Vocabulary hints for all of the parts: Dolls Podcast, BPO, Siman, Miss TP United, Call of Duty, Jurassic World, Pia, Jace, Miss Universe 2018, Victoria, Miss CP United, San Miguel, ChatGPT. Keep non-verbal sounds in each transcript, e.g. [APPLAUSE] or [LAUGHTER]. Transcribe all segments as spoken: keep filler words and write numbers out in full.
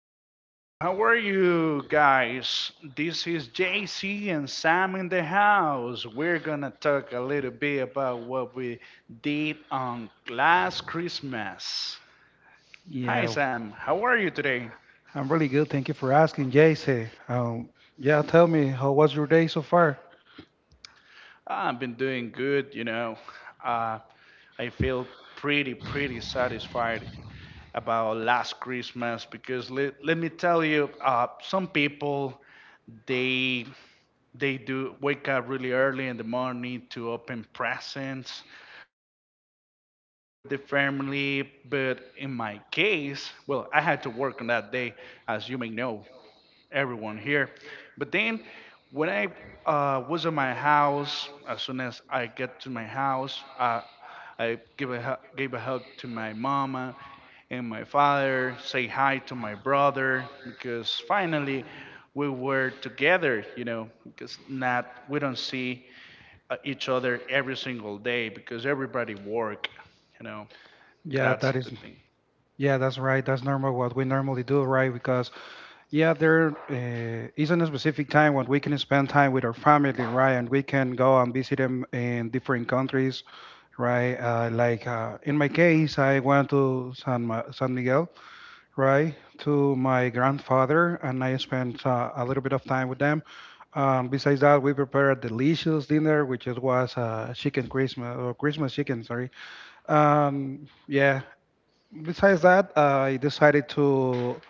Hey, how are you guys? This is J C and Sam in the house. We're gonna talk a little bit about what we did on last Christmas. Hi, Yeah, Sam. How are you today? I'm really good. Thank you for asking, Jace. Um, yeah, tell me, how was your day so far? I've been doing good, you know. Uh, I feel pretty, pretty satisfied about last Christmas because let, let me tell you. Uh, some people they They do wake up really early in the morning to open presents for the family. But in my case, well, I had to work on that day, as you may know, everyone here. But then when I uh, was at my house. As soon as I get to my house, uh, I give a hu- gave a hug to my mama and my father, say hi to my brother because finally we were together, you know, because not we don't see uh, each other every single day because everybody work, you know. Yeah, That's that is, the thing. yeah, that's right. That's normal what we normally do, right? Because yeah, there uh, isn't a specific time when we can spend time with our family, right? And we can go and visit them in different countries, right? Uh, like uh, in my case, I went to San Ma San Miguel. Right, to my grandfather, and I spent uh, a little bit of time with them. Um, besides that, we prepared a delicious dinner, which it was uh, chicken Christmas or Christmas chicken, sorry. Um, yeah. Besides that, uh, I decided to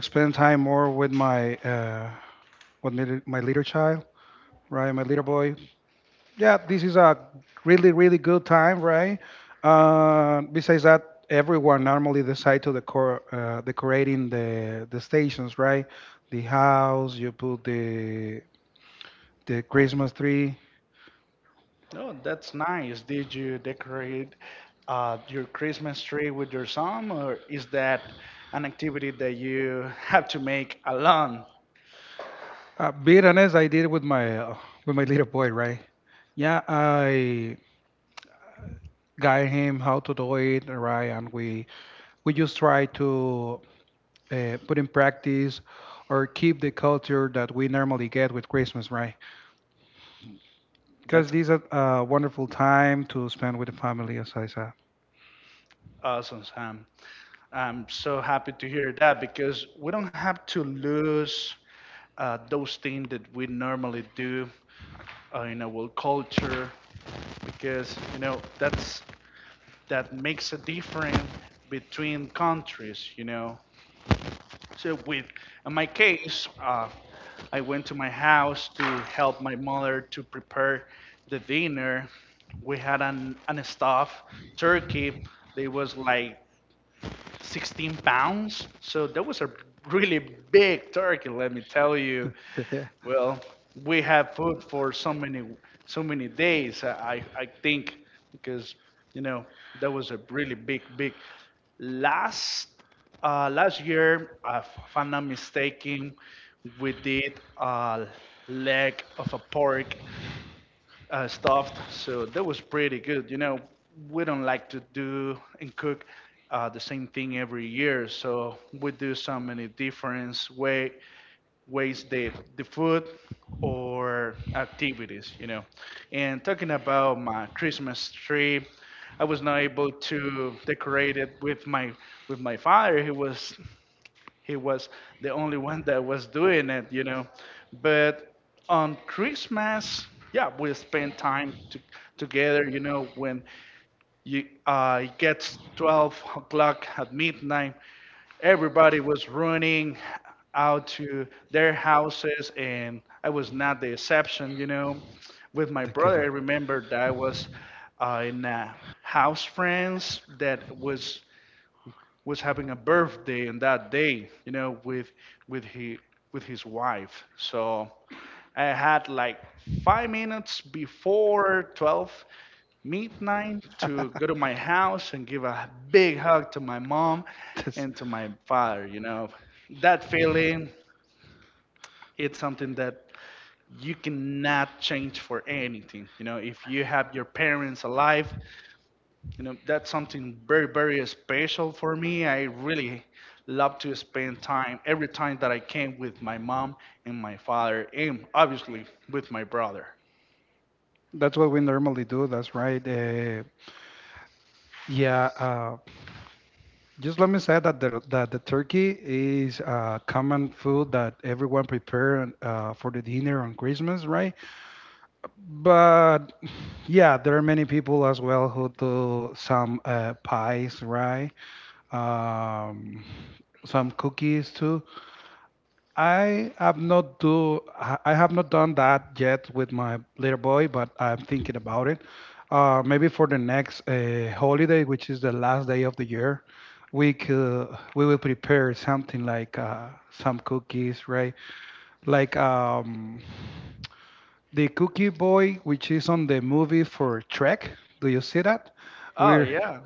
spend time more with my uh, with my, my little child, right, my little boy. Yeah, this is a really, really good time, right? Uh, besides that, everyone normally decide to decor uh, decorating the the stations, right? The house, you put the the Christmas tree. Oh, that's nice. Did you decorate uh, your Christmas tree with your son, or is that an activity that you [LAUGHS] have to make alone? Uh, being honest, I did it with my uh, with my little boy, right? Yeah, I guide him how to do it, right? And we we just try to uh, put in practice or keep the culture that we normally get with Christmas, right? Because That's these are a wonderful time to spend with the family, as I said. awesome, Sam. I'm so happy to hear that because we don't have to lose uh, those things that we normally do uh, in our culture, because you know that's that makes a difference between countries. You know, so with in my case, uh, I went to my house to help my mother to prepare the dinner. We had an, an stuffed turkey. They was like sixteen pounds. So that was a really big turkey, let me tell you. [LAUGHS] Well, we had food for so many so many days. uh, I I think, because you know, that was a really big big. Last uh, Last year, uh, if I'm not mistaken, we did a leg of a pork uh, stuffed. So that was pretty good. You know, we don't like to do and cook uh, the same thing every year, so we do so many different way ways the the food or activities. You know, and talking about my Christmas tree, I was not able to decorate it with my with my father. He was he was the only one that was doing it, you know. But on Christmas, yeah, we spend time to, together, you know. When you uh, it gets twelve o'clock at midnight, everybody was running out to their houses, and I was not the exception, you know. With my brother, I [LAUGHS] remember that I was uh, in a house friends that was was having a birthday on that day, you know, with with he with his wife. So I had like five minutes before twelve midnight to go to my house and give a big hug to my mom and to my father, you know. That feeling, it's something that you cannot change for anything. You know, if you have your parents alive, you know, that's something very, very special for me. I really love to spend time every time that I can with my mom and my father, and obviously with my brother. That's what we normally do. That's right. Uh, yeah. Uh, just let me say that the that the turkey is a common food that everyone prepare uh, for the dinner on Christmas, right? But yeah, there are many people as well who do some uh, pies, right? Um, some cookies too. I have not do I I have not done that yet with my little boy, but I'm thinking about it. Uh, maybe for the next uh, holiday, which is the last day of the year, we could we will prepare something like uh, some cookies, right? Like um. the Cookie Boy, which is on the movie for Trek. Do you see that? Oh, We're yeah,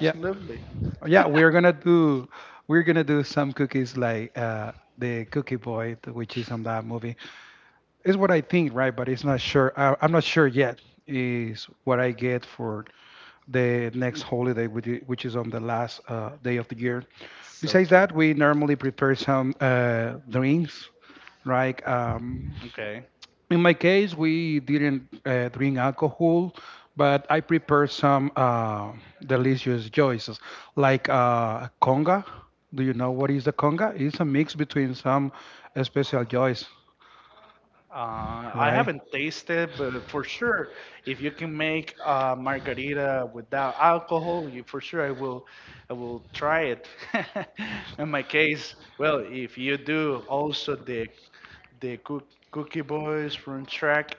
yeah, yeah, we're [LAUGHS] gonna do we're gonna do some cookies like uh, the Cookie Boy, th- which is on that movie. It's what I think, right? But it's not sure. I, I'm not sure yet. Is what I get for the next holiday, which i- which is on the last uh, day of the year. So Besides cute. that, we normally prepare some uh, drinks, right? Um, Okay. in my case, we didn't uh, drink alcohol, but I prepared some uh, delicious choices, like uh, conga. Do you know what is the conga? It's a mix between some special joys, Uh, I right? haven't tasted, but for sure, if you can make a margarita without alcohol, you for sure I will, I will try it. [LAUGHS] In my case, well, if you do also the the cook, Cookie Boys from track,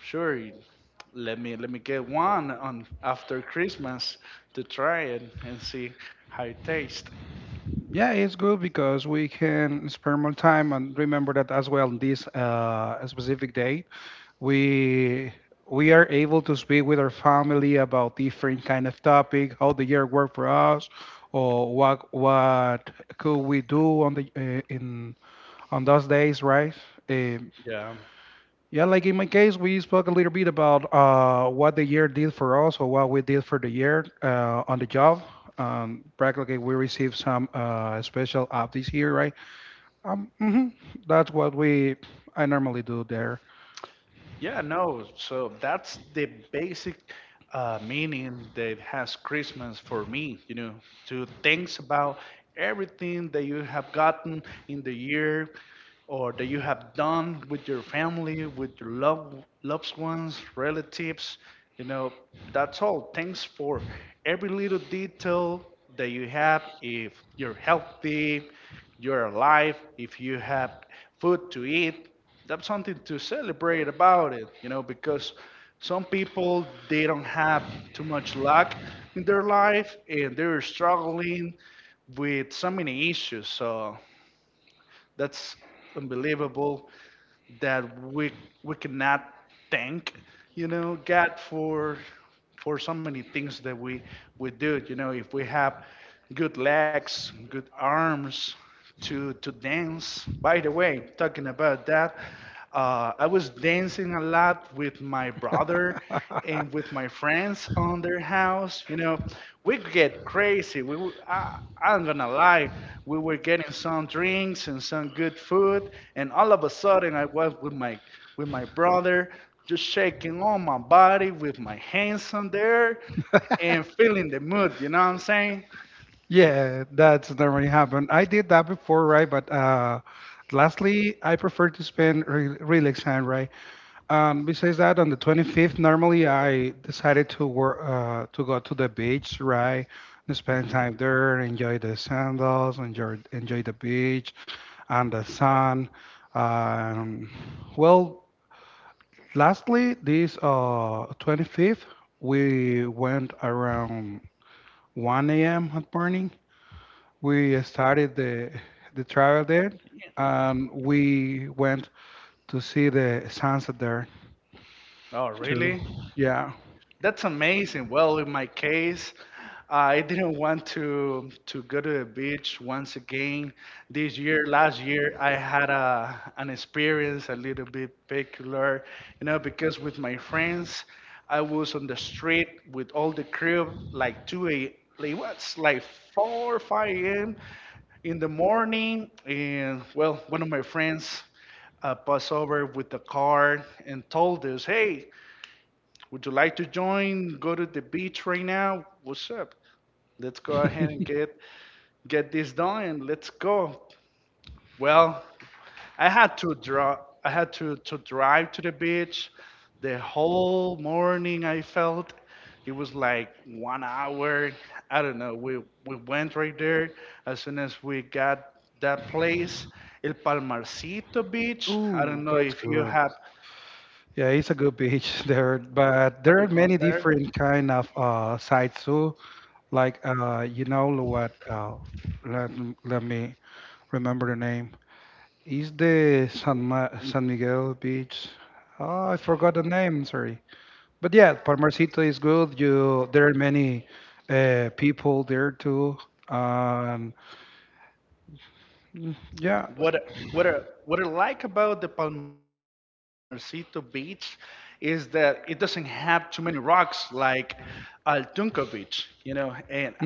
sure, you- let me let me get one on after Christmas to try it and see how it tastes. Yeah, it's good because we can spend more time and remember that as well. This uh, specific day, we we are able to speak with our family about different kind of topic, how the year worked for us, or what what could we do on the uh, in on those days, right? Um Yeah. yeah, like in my case, we spoke a little bit about uh, what the year did for us or what we did for the year uh, on the job. Um, practically, we received some uh, special app this year, right? Um, hmm that's what we I normally do there. Yeah, no. So that's the basic uh, meaning that has Christmas for me, you know. To think about everything that you have gotten in the year, or that you have done with your family, with your love, loved ones, relatives, you know, that's all. Thanks for every little detail that you have. If you're healthy, you're alive, if you have food to eat, that's something to celebrate about it, you know, because some people they don't have too much luck in their life and they're struggling with so many issues. So that's unbelievable that we we cannot thank, you know, God for for so many things that we we do. You know, if we have good legs, good arms to to dance. By the way, talking [LAUGHS] about that, uh, I was dancing a lot with my brother and with my friends on their house. You know, we get crazy. We, w- I, I'm gonna lie. We were getting some drinks and some good food, and all of a sudden, I was with my with my brother, just shaking all my body with my hands on there and feeling the mood. You know what I'm saying? Yeah, that's normally happen. I did that before, right? But uh, lastly, I prefer to spend re relax time, right? Um, besides that, on the twenty-fifth, normally I decided to work uh, to go to the beach, right? And spend time there, enjoy the sandals, enjoy enjoy the beach and the sun. Um, well, lastly, this uh, twenty-fifth, we went around one a m at morning. We started the the travel there, Yeah. and we went to see the sunset there Oh, too. really? Yeah. That's amazing. Well, in my case, I [LAUGHS] didn't want to Good. Yeah, it's a good beach [LAUGHS] there, but there are many different kind of uh, sites too. Like uh, you know what? Uh, let, let me remember the name. Is the San, Ma- San Miguel beach? Oh, I forgot the name. Sorry, but yeah, Palmarcito is good. You there are many uh, people there too. Um, mm, yeah, hmm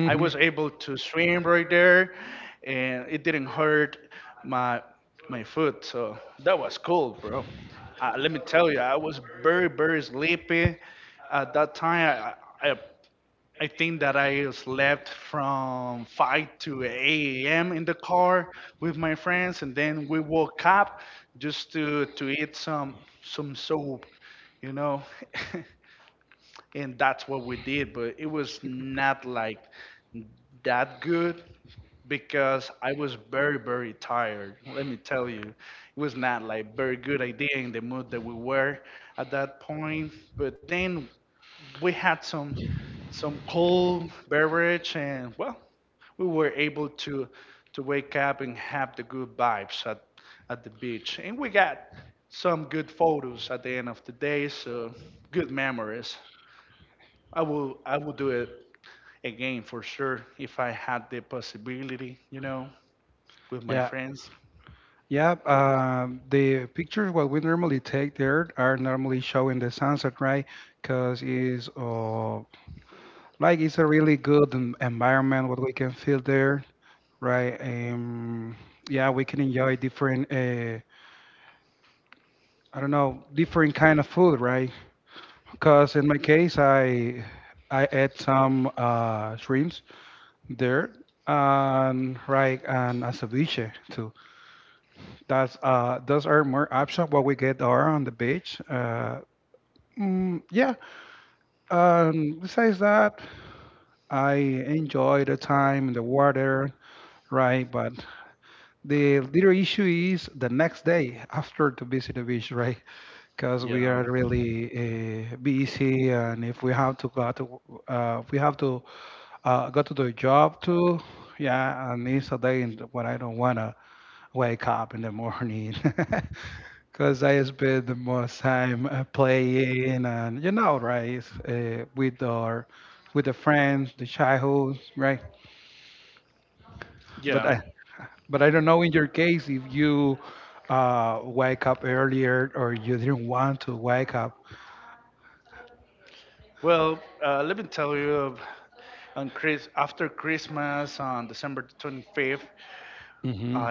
yeah, yeah. Um, the pictures what we normally take there are normally showing the sunset, right? Because is uh, like it's a really good en- environment what we can feel there, right? Um, yeah, we can enjoy different, uh, I don't know, different kind of food, right? Because in my case, I I ate some uh, shrimps there, and right, and a ceviche too. That's uh, those are more options what we get there on the beach. Uh, mm, yeah. Um, besides that, I enjoy the time in the water, right? But the little issue is the next day after to visit the beach, right? Because we are really uh, busy, and if we have to go to, uh, if we have to uh, go to the job too, yeah, and it's a day in when I don't wanna wake up in the morning, [LAUGHS] because I spend the most time uh, playing, and you know, right, uh, with our, with the friends, the childhood, right? But I But I don't know in your case if you uh, wake up earlier or you didn't want to wake up. hmm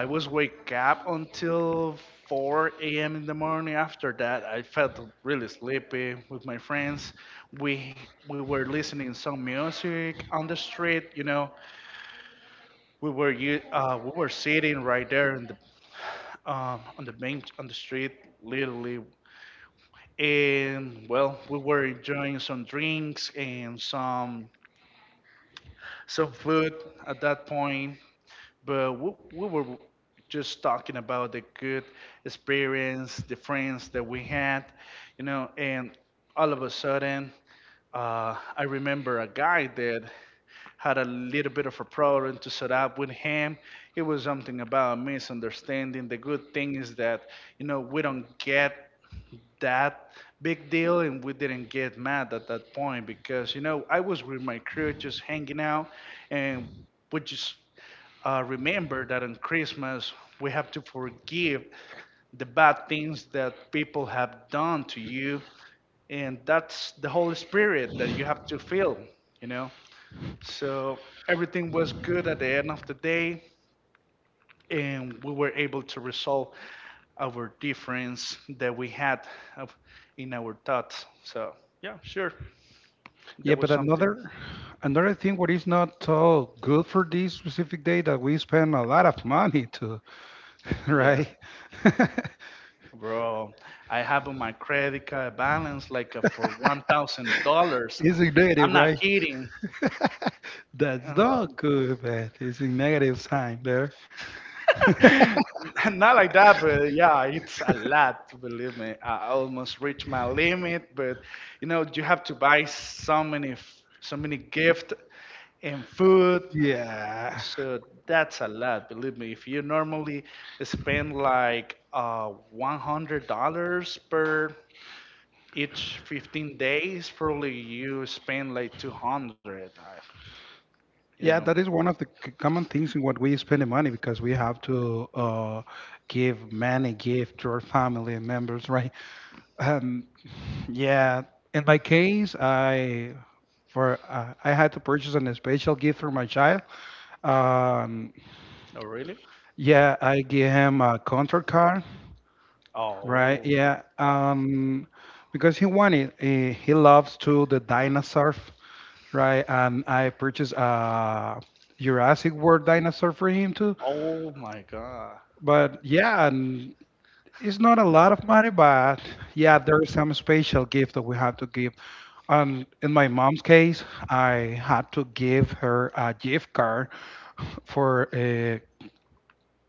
Yeah, but another another thing what is not so good for this specific day that we spend a lot of money to, [LAUGHS] right? [LAUGHS] It's a negative, right? [LAUGHS] That's not good, man. It's a negative sign there. [LAUGHS] Yeah. Yeah, that is one of the c- common things in what we spend the money because we have to uh, give money, gift to our family and members, right? Um, yeah, in my case, I for uh, I had to purchase an special gift for my child. Um, yeah, I gave him a contract card. Right, yeah. Um, because he wanted, uh, he loves to the dinosaur, right? And I purchased a Jurassic World dinosaur for him too. But yeah, and it's not a lot of money, but yeah, there is some special gift that we have to give. And in my mom's case, I had to give her a gift card for a,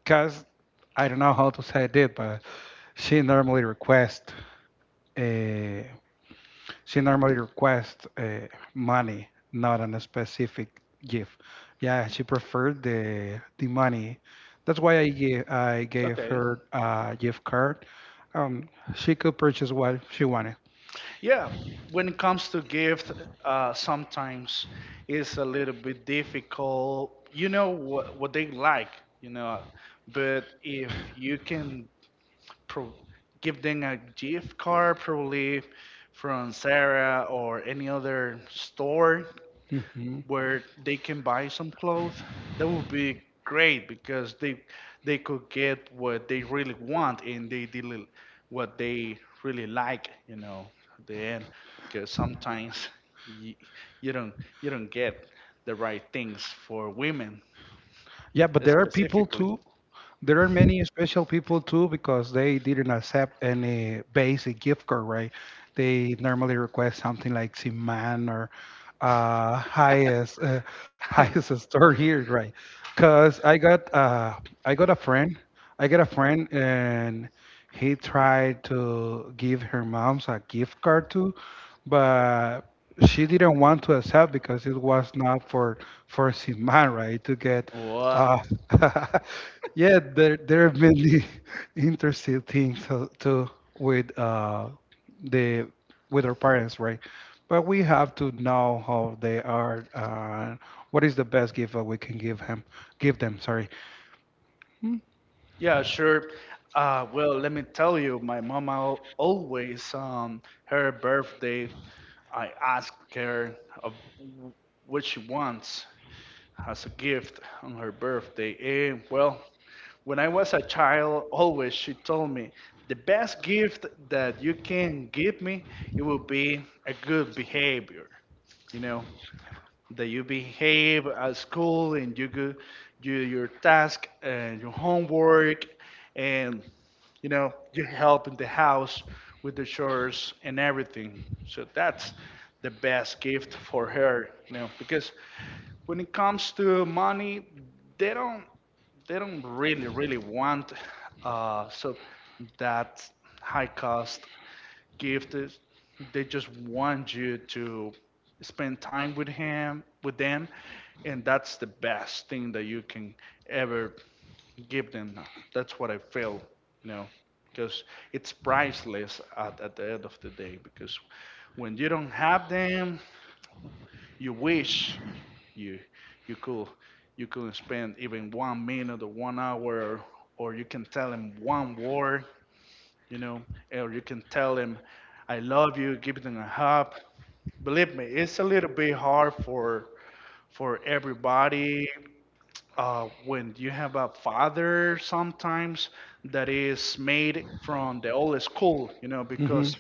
cause I don't know how to say it, but she normally requests. Uh, She normally requests uh, money, not on a specific gift. Yeah, she preferred the the money. That's why I gave I gave her a gift card. Um, she could purchase what she wanted. hmm Yeah, but there are people too there are many special people too because they didn't accept any basic gift card, right? They normally request something like Siman or uh, highest uh, [LAUGHS] highest store here, right? Because I got uh, I got a friend, I got a friend, and he tried to give her mom's a gift card too, but she didn't want to accept because it was not for for Siman, right? To get uh, [LAUGHS] yeah, there there have been the [LAUGHS] interesting things to, to with uh the with our parents, right? But we have to know how they are. Uh, what is the best gift that we can give him? Give them, sorry. hmm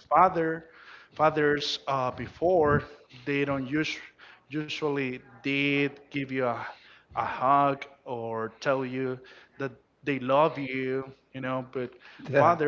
Yeah.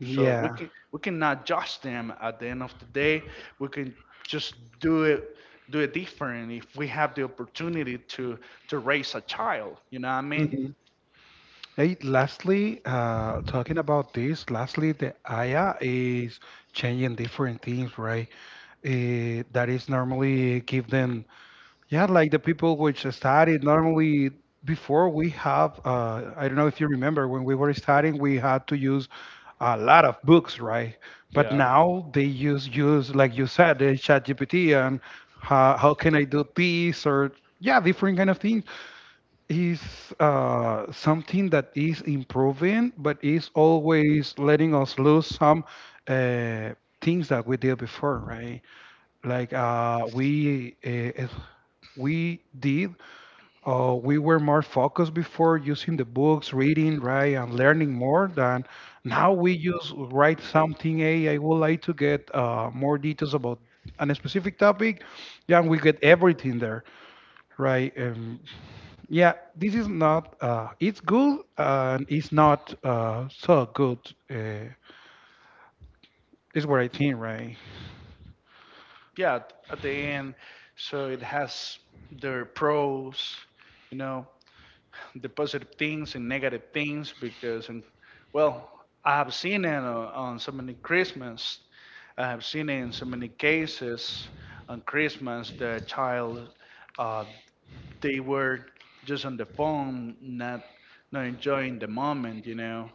Yeah. Mm-hmm. Hey, lastly, uh, talking about this, lastly, the A I is changing different things, right? Uh, that is normally given, yeah, like the people which studied normally before we have, uh, I don't know if you remember when we were studying, we had to use a lot of books, right? But now they use use like you said, the ChatGPT and how, how can I do this or yeah, different kind of things is uh, something that is improving, but is always letting us lose some uh, things that we did before, right? Like uh, we uh, if we did, uh, we were more focused before using the books, reading, right, and learning more than now. We just write something. Hey, I would like to get uh, more details about. On a specific topic, yeah, and we get everything there, right? Um, yeah, this is not. Uh, it's good and it's not uh, so good. Uh, is what I think, right?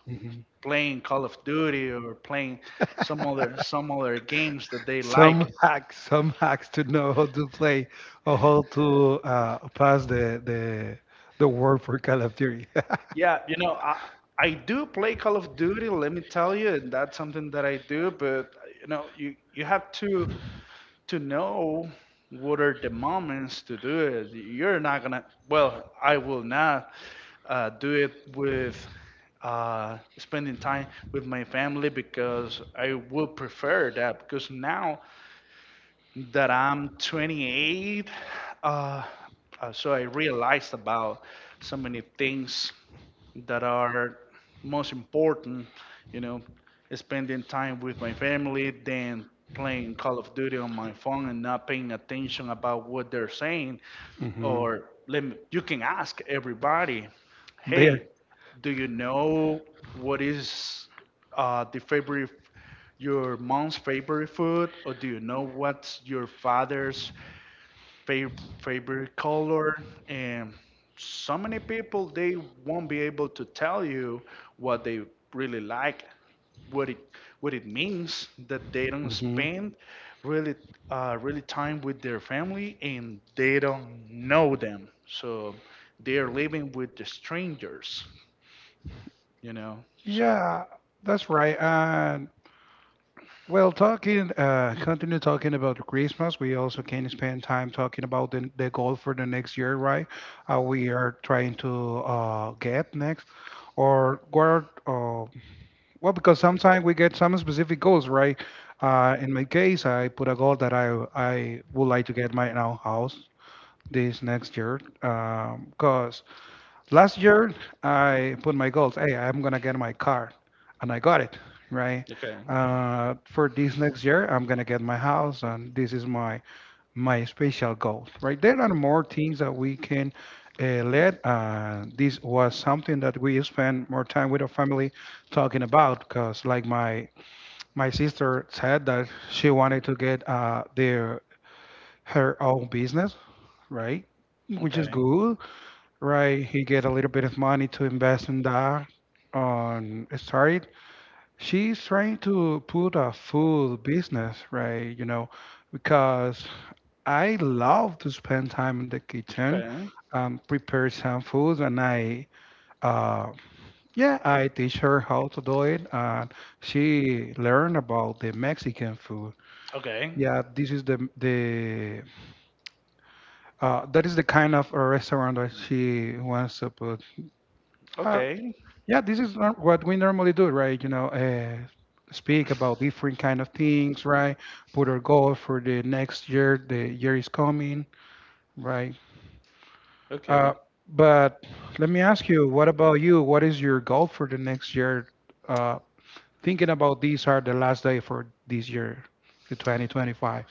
hmm [LAUGHS] some hacks, some hacks to know how to play or how to uh, pass the the the word for Call of Duty. [LAUGHS] Mhm. They Yeah, that's right. And well, talking, uh, continue talking about Christmas. We also can spend time talking about the, the goal for the next year, right? Uh, we are trying to uh, get next, or what? Uh, Well, because sometimes we get some specific goals, right? Uh, in my case, I put a goal that I I would like to get my own house this next year. Because last year I put my goals, hey, I'm gonna get my car, and I got it, right? Uh, for this next year, I'm gonna get my house, and this is my my special goals, right? There are more things that we can uh, let. Uh, this was something that we spend more time with our family talking about, because like my my sister said that she wanted to get uh, their her own business, right? Which is good, right? He get a little bit of money to invest in that on start it. She's trying to put a food business, right? You know, because I love to spend time in the kitchen, um, prepare some food, and I, uh, yeah, I teach her how to do it, and she learned about the Mexican food. Yeah, this is the the uh, that is the kind of a restaurant that she wants to put. Uh, Yeah, this is nor- what we normally do, right? You know, uh, speak about different kind of things, right? Put our goal for the next year. The year is coming, right? Uh, but let me ask you, what about you? What is your goal for the next year? Uh, thinking about these are the last day for this year, the twenty twenty-five.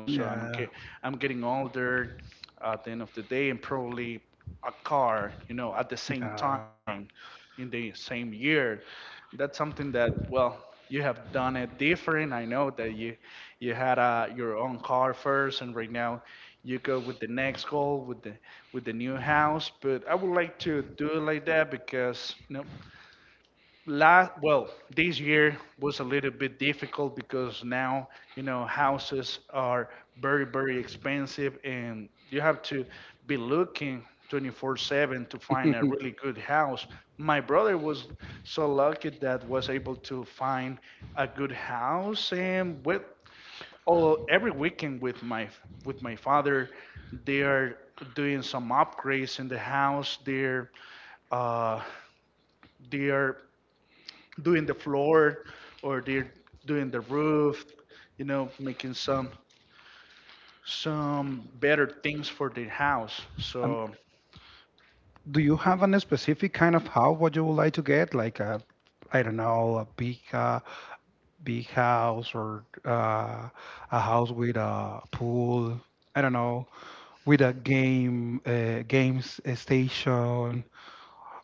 Yeah. Yeah. Um, do you have a specific kind of house what you would like to get? Like a, I don't know, a big, uh, big house or uh, a house with a pool. I don't know, with a game, uh, games station,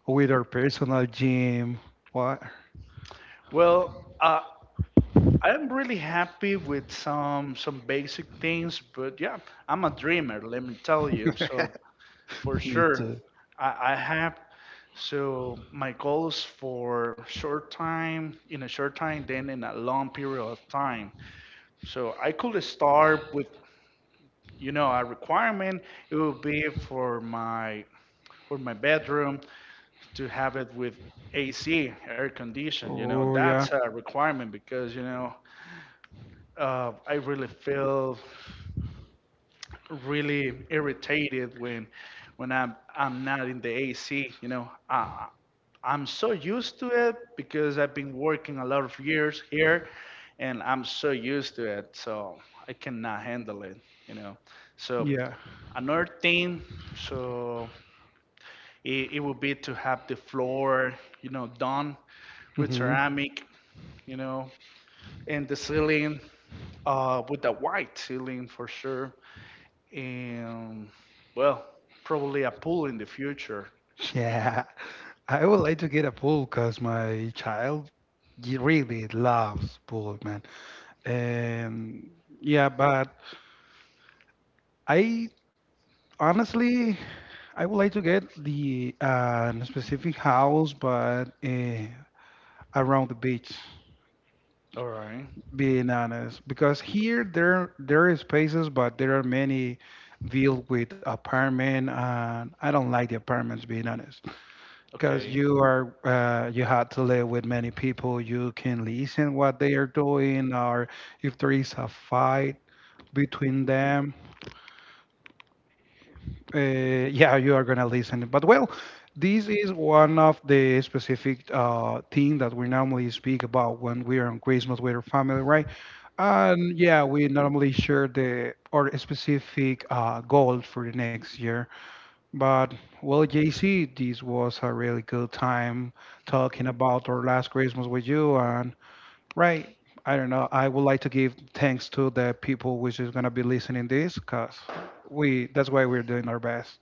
with our personal gym. What? [LAUGHS] Me too. Oh yeah, yeah. hmm [LAUGHS] Yeah, I would like to get a pool because my child y- really loves pool, man. And yeah, but I honestly I would like to get the uh, specific house, but uh, around the beach. Being honest, because here there there is spaces, but there are many built with apartment, and I don't like the apartments, being honest, because you are uh, you have to live with many people. You can listen what they are doing, or if there is a fight between them, uh, yeah, you are gonna listen. But well, this is one of the specific uh, thing that we normally speak about when we are on Christmas with our family, right? And yeah, we normally share the our specific uh, goal for the next year. But well, J C, this was a really good time talking about our last Christmas with you. And right, I don't know. I would like to give thanks to the people which is gonna be listening this, cause we that's why we're doing our best.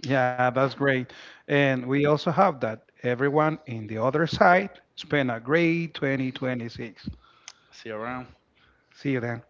Yeah, that's great. And we also have that everyone in the other side spend a great twenty twenty-six. See you then.